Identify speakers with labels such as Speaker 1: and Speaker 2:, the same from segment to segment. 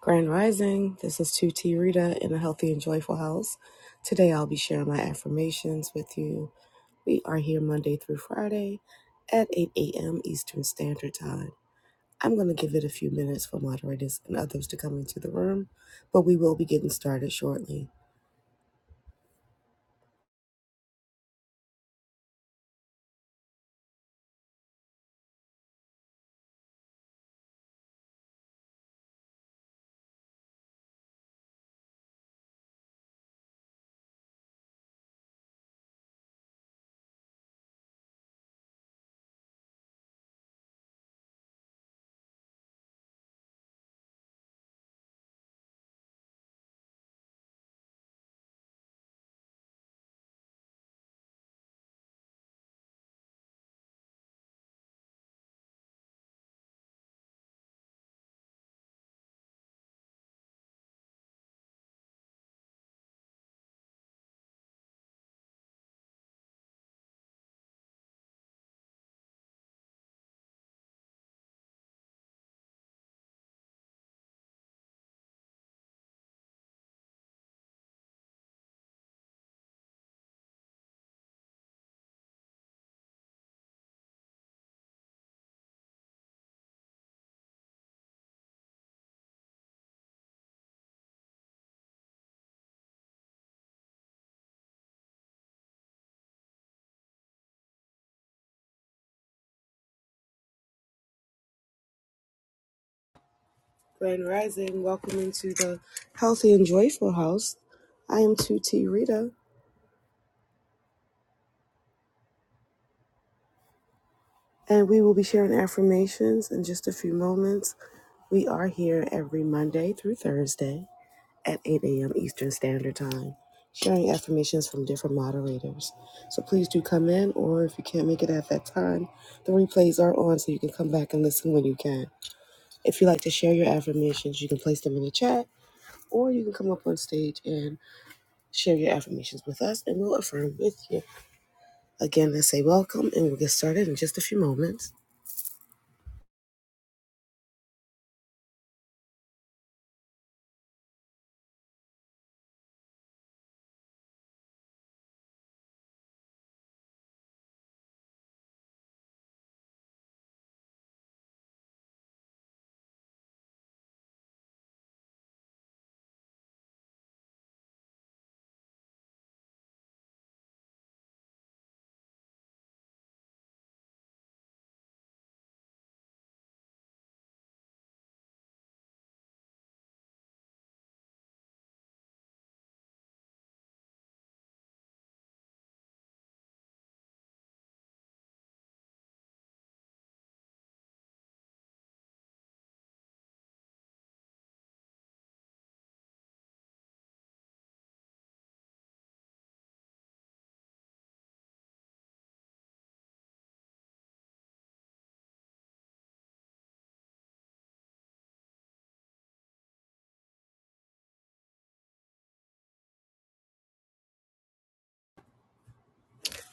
Speaker 1: Grand Rising, this is 2T Rita in a healthy and joyful house. Today I'll be sharing my affirmations with you. We are here Monday through Friday at 8 a.m. Eastern Standard Time. I'm going to give it a few minutes for moderators and others to come into the room, but we will be getting started shortly. Grand Rising, welcome into the healthy and joyful house. I am 2T Rita, and we will be sharing affirmations in just a few moments. We are here every Monday through Thursday at 8 a.m. Eastern Standard Time, sharing affirmations from different moderators. So please do come in, or if you can't make it at that time, the replays are on so you can come back and listen when you can. If you like to share your affirmations, you can place them in the chat, or you can come up on stage and share your affirmations with us, and we'll affirm with you. Again, I say welcome, and we'll get started in just a few moments.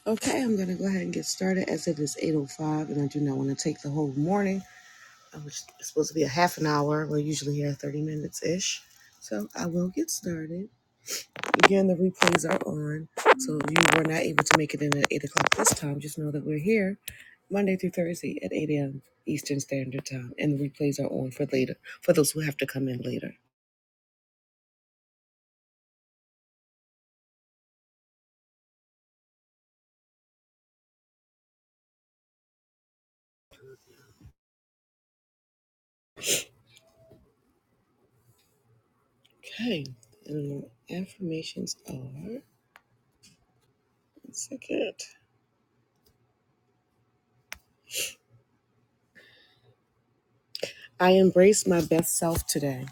Speaker 1: Okay, I'm going to go ahead and get started as it is 8.05, and I do not want to take the whole morning. Um, It's supposed to be a half an hour. We're usually here 30 minutes ish. So I will get started. Again, the replays are on. So if you were not able to make it in at 8 o'clock this time, just know that we're here Monday through Thursday at 8 a.m. Eastern Standard Time. And the replays are on for later, for those who have to come in later. Okay. And your affirmations are one second. I embrace my best self today.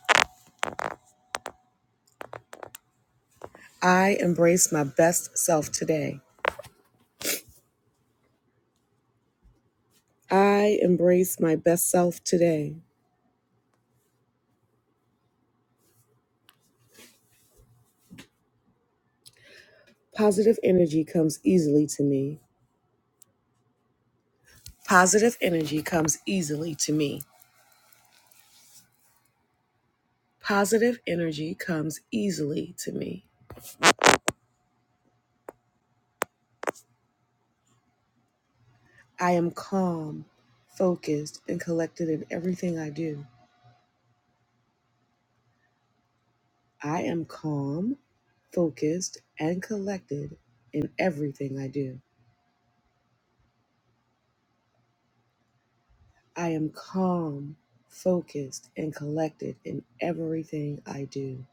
Speaker 1: I embrace my best self today. I embrace my best self today. Positive energy comes easily to me. Positive energy comes easily to me. Positive energy comes easily to me. I am calm, focused, and collected in everything I do. I am calm, focused, and collected in everything I do. I am calm, focused, and collected in everything I do.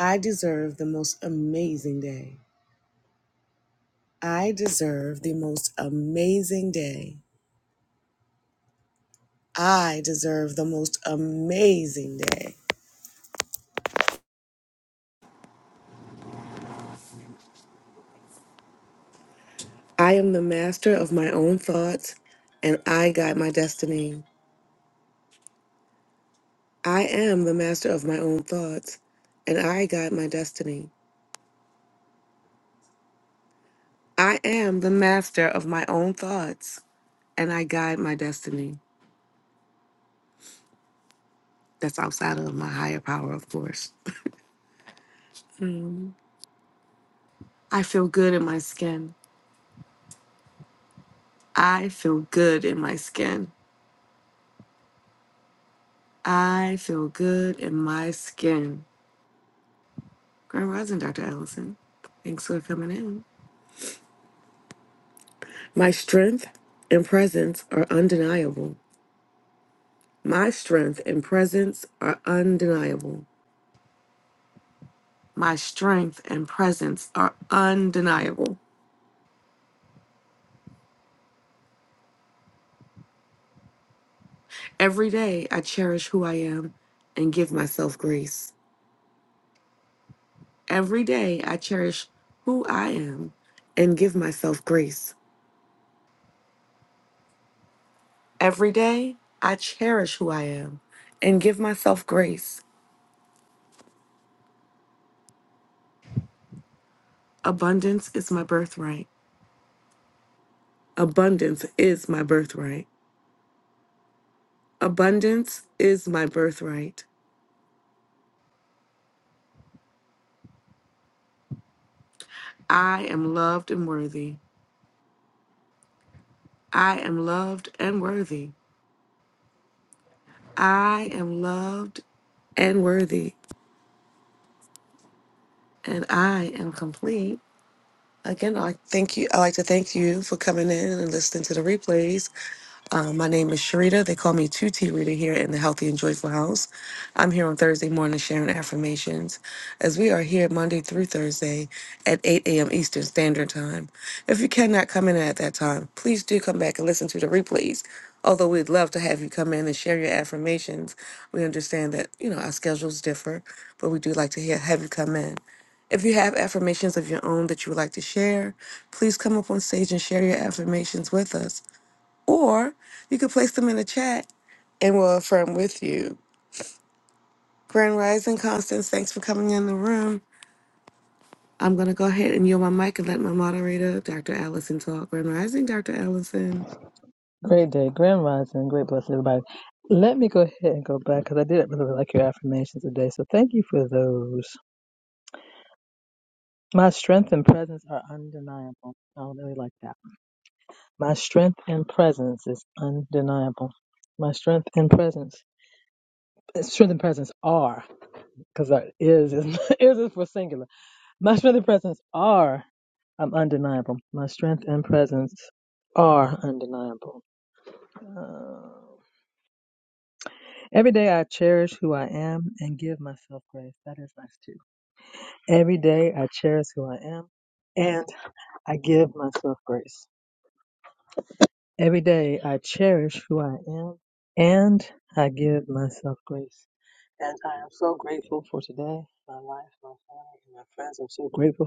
Speaker 1: I deserve the most amazing day. I deserve the most amazing day. I deserve the most amazing day. I am the master of my own thoughts and I guide my destiny. I am the master of my own thoughts and I guide my destiny. I am the master of my own thoughts and I guide my destiny. That's outside of my higher power, of course. I feel good in my skin. I feel good in my skin. I feel good in my skin. Grand Rising, Dr. Ellison. Thanks for coming in. My strength and presence are undeniable. My strength and presence are undeniable. My strength and presence are undeniable. Every day I cherish who I am and give myself grace. Every day I cherish who I am and give myself grace. Every day I cherish who I am and give myself grace. Abundance is my birthright. Abundance is my birthright. Abundance is my birthright. I am loved and worthy. I am loved and worthy. I am loved and worthy. And I am complete. Again, I like, thank you. I like to thank you for coming in and listening to the replays. Uh, my name is Sharita. They call me 2T Rita here in the Healthy and Joyful House. I'm here on Thursday morning sharing affirmations as we are here Monday through Thursday at 8 a.m. Eastern Standard Time. If you cannot come in at that time, please do come back and listen to the replays. Although we'd love to have you come in and share your affirmations, we understand that, you know, our schedules differ, but we do like to hear, have you come in. If you have affirmations of your own that you would like to share, please come up on stage and share your affirmations with us. Or you could place them in the chat and we'll affirm with you. Grand Rising Constance, thanks for coming in the room. I'm going to go ahead and yield my mic and let my moderator, Dr. Allison, talk. Grand Rising, Dr. Allison.
Speaker 2: Great day, grand rising, great blessing, everybody. Let me go ahead and go back because I did really like your affirmations today. So thank you for those. My strength and presence are undeniable. I really like that. My strength and presence is undeniable. My strength and presence, strength and presence are because is is is is for singular. My strength and presence are I'm undeniable. My strength and presence are undeniable. Um, Every day I cherish who I am and give myself grace. That is nice too. Every day I cherish who I am and I give myself grace. Every day I cherish who I am and I give myself grace. And I am so grateful for today, my life, my family, and my friends. I'm so grateful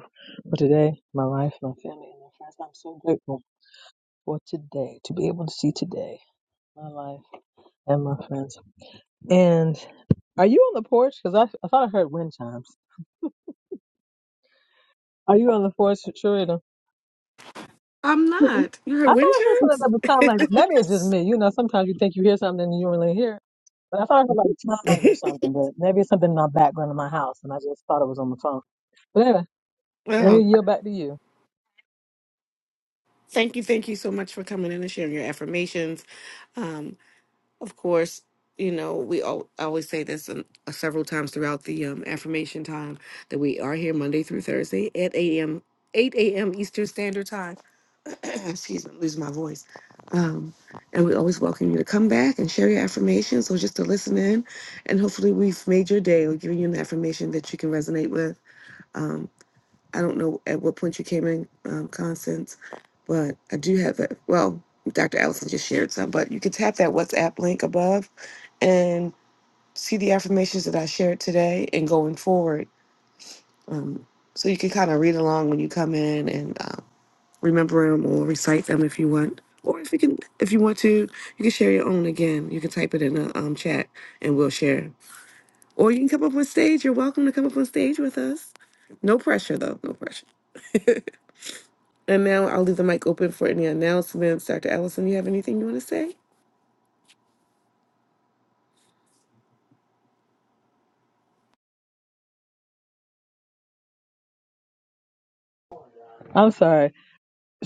Speaker 2: for today, my life, my family, and my friends. I'm so grateful for today, to be able to see today, my life, and my friends. And are you on the porch? Because I, I thought I heard wind chimes. Are you on the fourth Sharita?
Speaker 1: I'm
Speaker 2: Mhm.
Speaker 1: not. You
Speaker 2: I
Speaker 1: heard
Speaker 2: thought
Speaker 1: wind
Speaker 2: I heard something that was kind of like maybe it's just me. You know, sometimes you think you hear something and you don't really hear. it. But I thought I heard like
Speaker 1: chimes?
Speaker 2: tongues or something. But maybe it's something in my background in my house, and I just thought it was on the phone. But anyway, let me
Speaker 1: Well,
Speaker 2: yield back to you.
Speaker 1: thank you. Thank you so much for coming in and sharing your affirmations. Um, of course, you know, we all, I always say this um, several times throughout the um, affirmation time that we are here Monday through Thursday at 8 a.m. 8 a.m. Eastern Standard Time excuse me, I'm losing my voice. Um, and we always welcome you to come back and share your affirmations So just to listen in. And hopefully, we've made your day. We're giving you an affirmation that you can resonate with. Um, I don't know at what point you came in, um, Constance, but I do have a Well, Dr. Allison just shared some, but you can tap that WhatsApp link above and see the affirmations that I shared today and going forward. So you can kind of read along when you come in and. um, remember them or recite them if you want. Or if you can, if you want to, you can share your own again. You can type it in the um, chat, and we'll share. Or you can come up on stage. You're welcome to come up on stage with us. No pressure, though. No pressure. And now I'll leave the mic open for any announcements. Dr. Allison, you have anything you want to say?
Speaker 2: I'm sorry,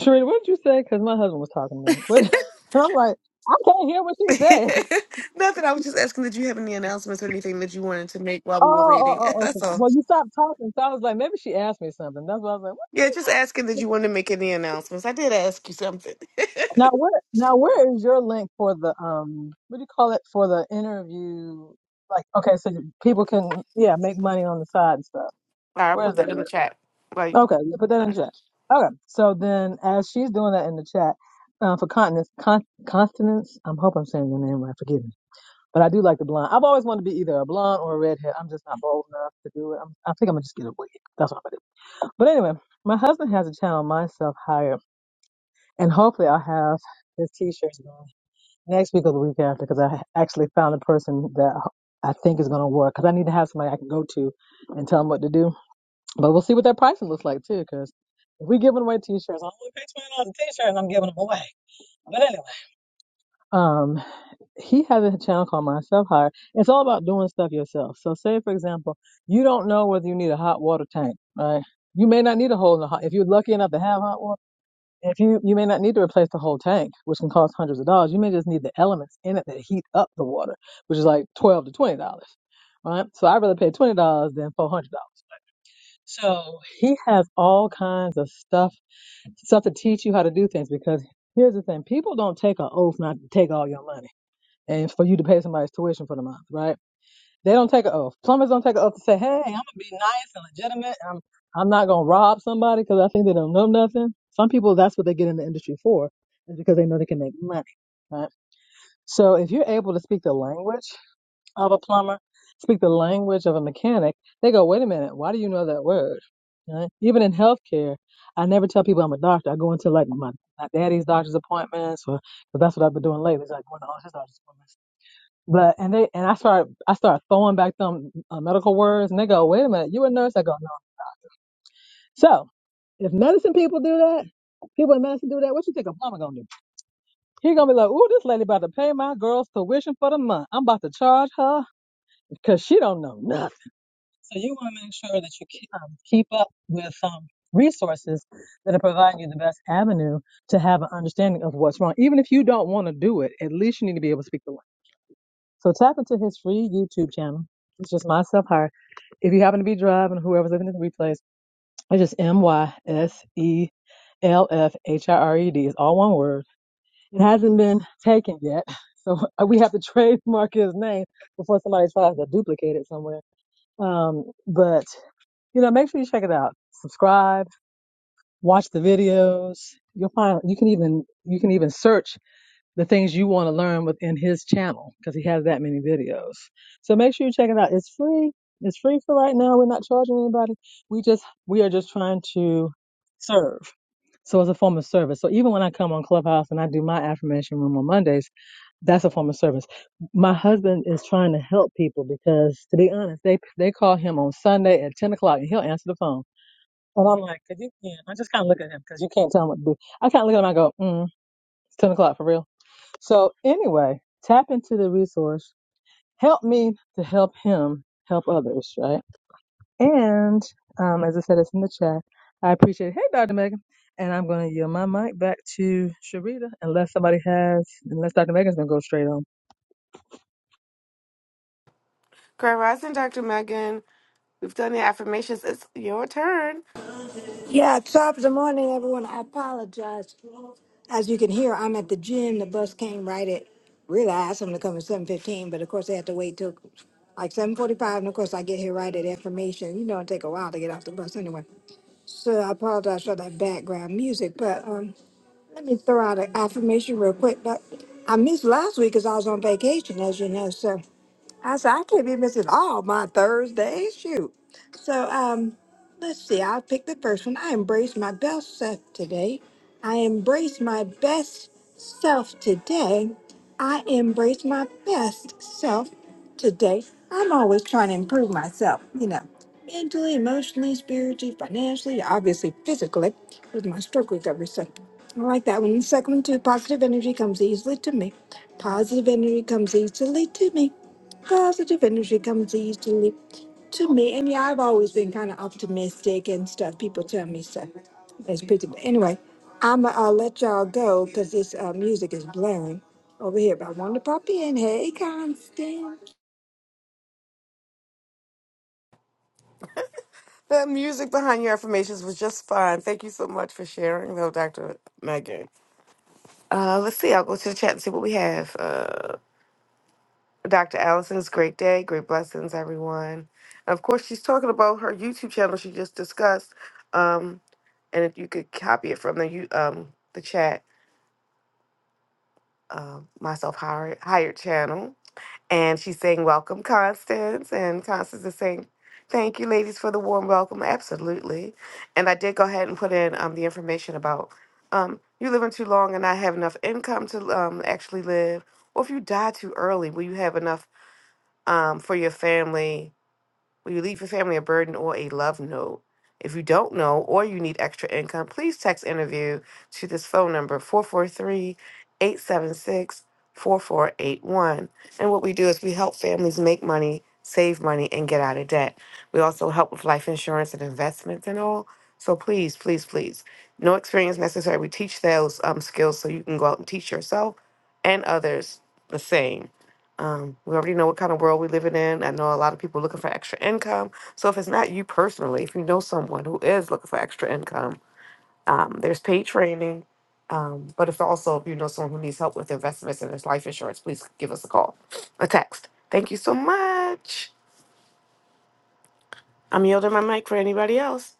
Speaker 2: Sharita. What did you say? Because my husband was talking to me. What? and I'm like, I can't hear what she said.
Speaker 1: Nothing. I was just asking, did you have any announcements or anything that you wanted to make while
Speaker 2: Oh,
Speaker 1: we were
Speaker 2: oh,
Speaker 1: reading.
Speaker 2: oh, oh. okay.
Speaker 1: That's all.
Speaker 2: Well, you stopped talking, so I was like, maybe she asked me something. That's why I was like, what did
Speaker 1: Yeah,
Speaker 2: she
Speaker 1: just
Speaker 2: say?
Speaker 1: asking that you wanted to make any announcements. I did ask you something. all
Speaker 2: Now where now where is your link for the um what do you call it for the interview? Like okay, so people can yeah make money on the side and stuff.
Speaker 1: right, I'll
Speaker 2: Where is
Speaker 1: put
Speaker 2: that?
Speaker 1: that in the
Speaker 2: at?
Speaker 1: chat. Like.
Speaker 2: Okay, yeah, put that in chat. Okay, so then as she's doing that in the chat uh, for continence, con- continence. I'm hope I'm saying your name right. Forgive me, but I do like the blonde. I've always wanted to be either a blonde or a redhead. I'm just not bold enough to do it. I'm, I think I'm gonna just get a wig. That's what I'm gonna do. But anyway, my husband has a channel, myself hired, and hopefully I'll have his t-shirts Next week or the week after, because I actually found a person that I think is going to work. Because I need to have somebody I can go to and tell them what to do. But we'll see what that pricing looks like too. Because if we giving away t-shirts, I am only paying twenty dollars a t-shirt, and I'm giving them away. But anyway, um, he has a channel called Myself Hire. It's all about doing stuff yourself. So, say for example, you don't know whether you need a hot water tank, right? You may not need a hole in the hot. If you're lucky enough to have hot water. If you you may not need to replace the whole tank, which can cost hundreds of dollars, you may just need the elements in it that heat up the water, which is like twelve to twenty dollars, right? So I'd rather pay twenty dollars than four hundred dollars. So he has all kinds of stuff stuff to teach you how to do things because here's the thing: people don't take an oath not to take all your money and for you to pay somebody's tuition for the month, right? They don't take an oath. Plumbers don't take an oath to say, "Hey, I'm gonna be nice and legitimate. I'm I'm not gonna rob somebody because I think they don't know nothing." Some people, that's what they get in the industry for, is because they know they can make money. Right. So if you're able to speak the language of a plumber, speak the language of a mechanic, they go, "Wait a minute, why do you know that word?" Right? Even in healthcare, I never tell people I'm a doctor. I go into like my, my daddy's doctor's appointments, or 'cause that's what I've been doing lately. It's like going to all his doctor's appointments but and they and I start I start throwing back them uh, medical words, and they go, "Wait a minute, you a nurse?" I go, "No." So if medicine people do that, people in medicine do that. What you think a plumber gonna do? He gonna be like, "Ooh, this lady about to pay my girl's tuition for the month. I'm about to charge her because she don't know nothing." So you want to make sure that you keep, um, keep up with um, resources that are providing you the best avenue to have an understanding of what's wrong. Even if you don't want to do it, at least you need to be able to speak the language. So tap into his free YouTube channel. It's just myself hired. If you happen to be driving, whoever's listening to the replays, it's just M Y S E L F H I R E D. It's all one word. It hasn't been taken yet, so we have to trademark his name before somebody tries to duplicate it somewhere. Um, but you know, make sure you check it out. Subscribe, watch the videos. You'll find you can even you can even search the things you want to learn within his channel because he has that many videos. So make sure you check it out. It's free. It's free for right now. We're not charging anybody. We just we are just trying to serve. So it's a form of service. So even when I come on Clubhouse and I do my affirmation room on Mondays, that's a form of service. My husband is trying to help people because, to be honest, they they call him on Sunday at ten o'clock and he'll answer the phone. And I'm like, 'Cause you can't. I just kind of look at him because you can't tell him what to do. I kind of look at him. I go, mm, it's ten o'clock for real so anyway, tap into the resource. Help me to help him help others, right? And um, as I said, it's in the chat. I appreciate it. Hey, Dr. Megan. And I'm going to yield my mic back to Sharita unless somebody has, unless Dr. Megan's going to go straight on.
Speaker 1: Grand Rising, Dr. Megan. We've done the affirmations. It's your turn.
Speaker 3: Yeah, top of the morning, everyone. I apologize. As you can hear, I'm at the gym. The bus came right at. Really, I asked them to come at seven fifteen, but of course they had to wait till like seven forty-five, and of course I get here right at affirmation. You know, it take a while to get off the bus anyway. So I apologize for that background music, but um, let me throw out an affirmation real quick. But I missed last week because I was on vacation, as you know. So I said I can't be missing all my Thursdays. Shoot. So um, let's see. I'll pick the first one. I embrace my best self today. I embrace my best self today. I embrace my best self today. I'm always trying to improve myself. You know, mentally, emotionally, spiritually, financially, obviously, physically. With my stroke recovery, so I like that one. The second one too. Positive energy comes easily to me. Positive energy comes easily to me. Positive energy comes easily to me. And yeah, I've always been kind of optimistic and stuff. People tell me stuff. It's pretty. But anyway, I'm, gonna let y'all go because this uh, music is blaring over here. But I wanted to pop in. Hey, Constance.
Speaker 1: The music behind your affirmations was just fun. Thank you so much for sharing, though, Dr. Megan. Uh, let's see. I'll go to the chat and see what we have. Uh, Dr. Allison's great day, great blessings, everyone. And of course, she's talking about her YouTube channel she just discussed. Um, and if you could copy it from the you um the chat, um, myself hired hired channel. And she's saying, Welcome, Constance. And Constance is saying, Thank you, ladies, for the warm welcome. Absolutely. And I did go ahead and put in um, the information about um, you living too long and not have enough income to um, actually live, or if you die too early, will you have enough um, for your family? Will you leave your family a burden or a love note? If you don't know or you need extra income, please text interview to this phone number 443 876 4481. And what we do is we help families make money, save money, and get out of debt. We also help with life insurance and investments and all. So please, please, please, no experience necessary. We teach those um, skills so you can go out and teach yourself and others the same. Um, we already know what kind of world we're living in. I know a lot of people looking for extra income. So if it's not you personally, if you know someone who is looking for extra income, um, there's paid training. Um, but if also if you know someone who needs help with investments and there's life insurance, please give us a call, a text. Thank you so much. I'm yielding my mic for anybody else.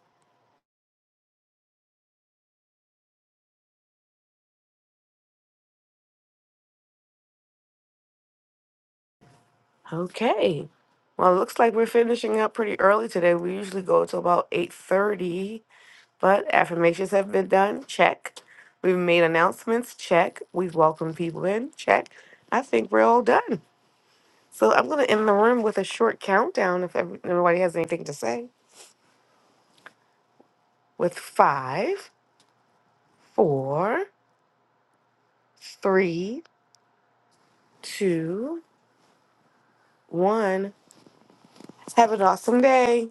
Speaker 1: Okay. Well, it looks like we're finishing up pretty early today. We usually go to about 8:30. But affirmations have been done. Check. We've made announcements. Check. We've welcomed people in. Check. I think we're all done. So I'm going to end the room with a short countdown if every- everybody has anything to say. With five, four, three, two, one. Have an awesome day.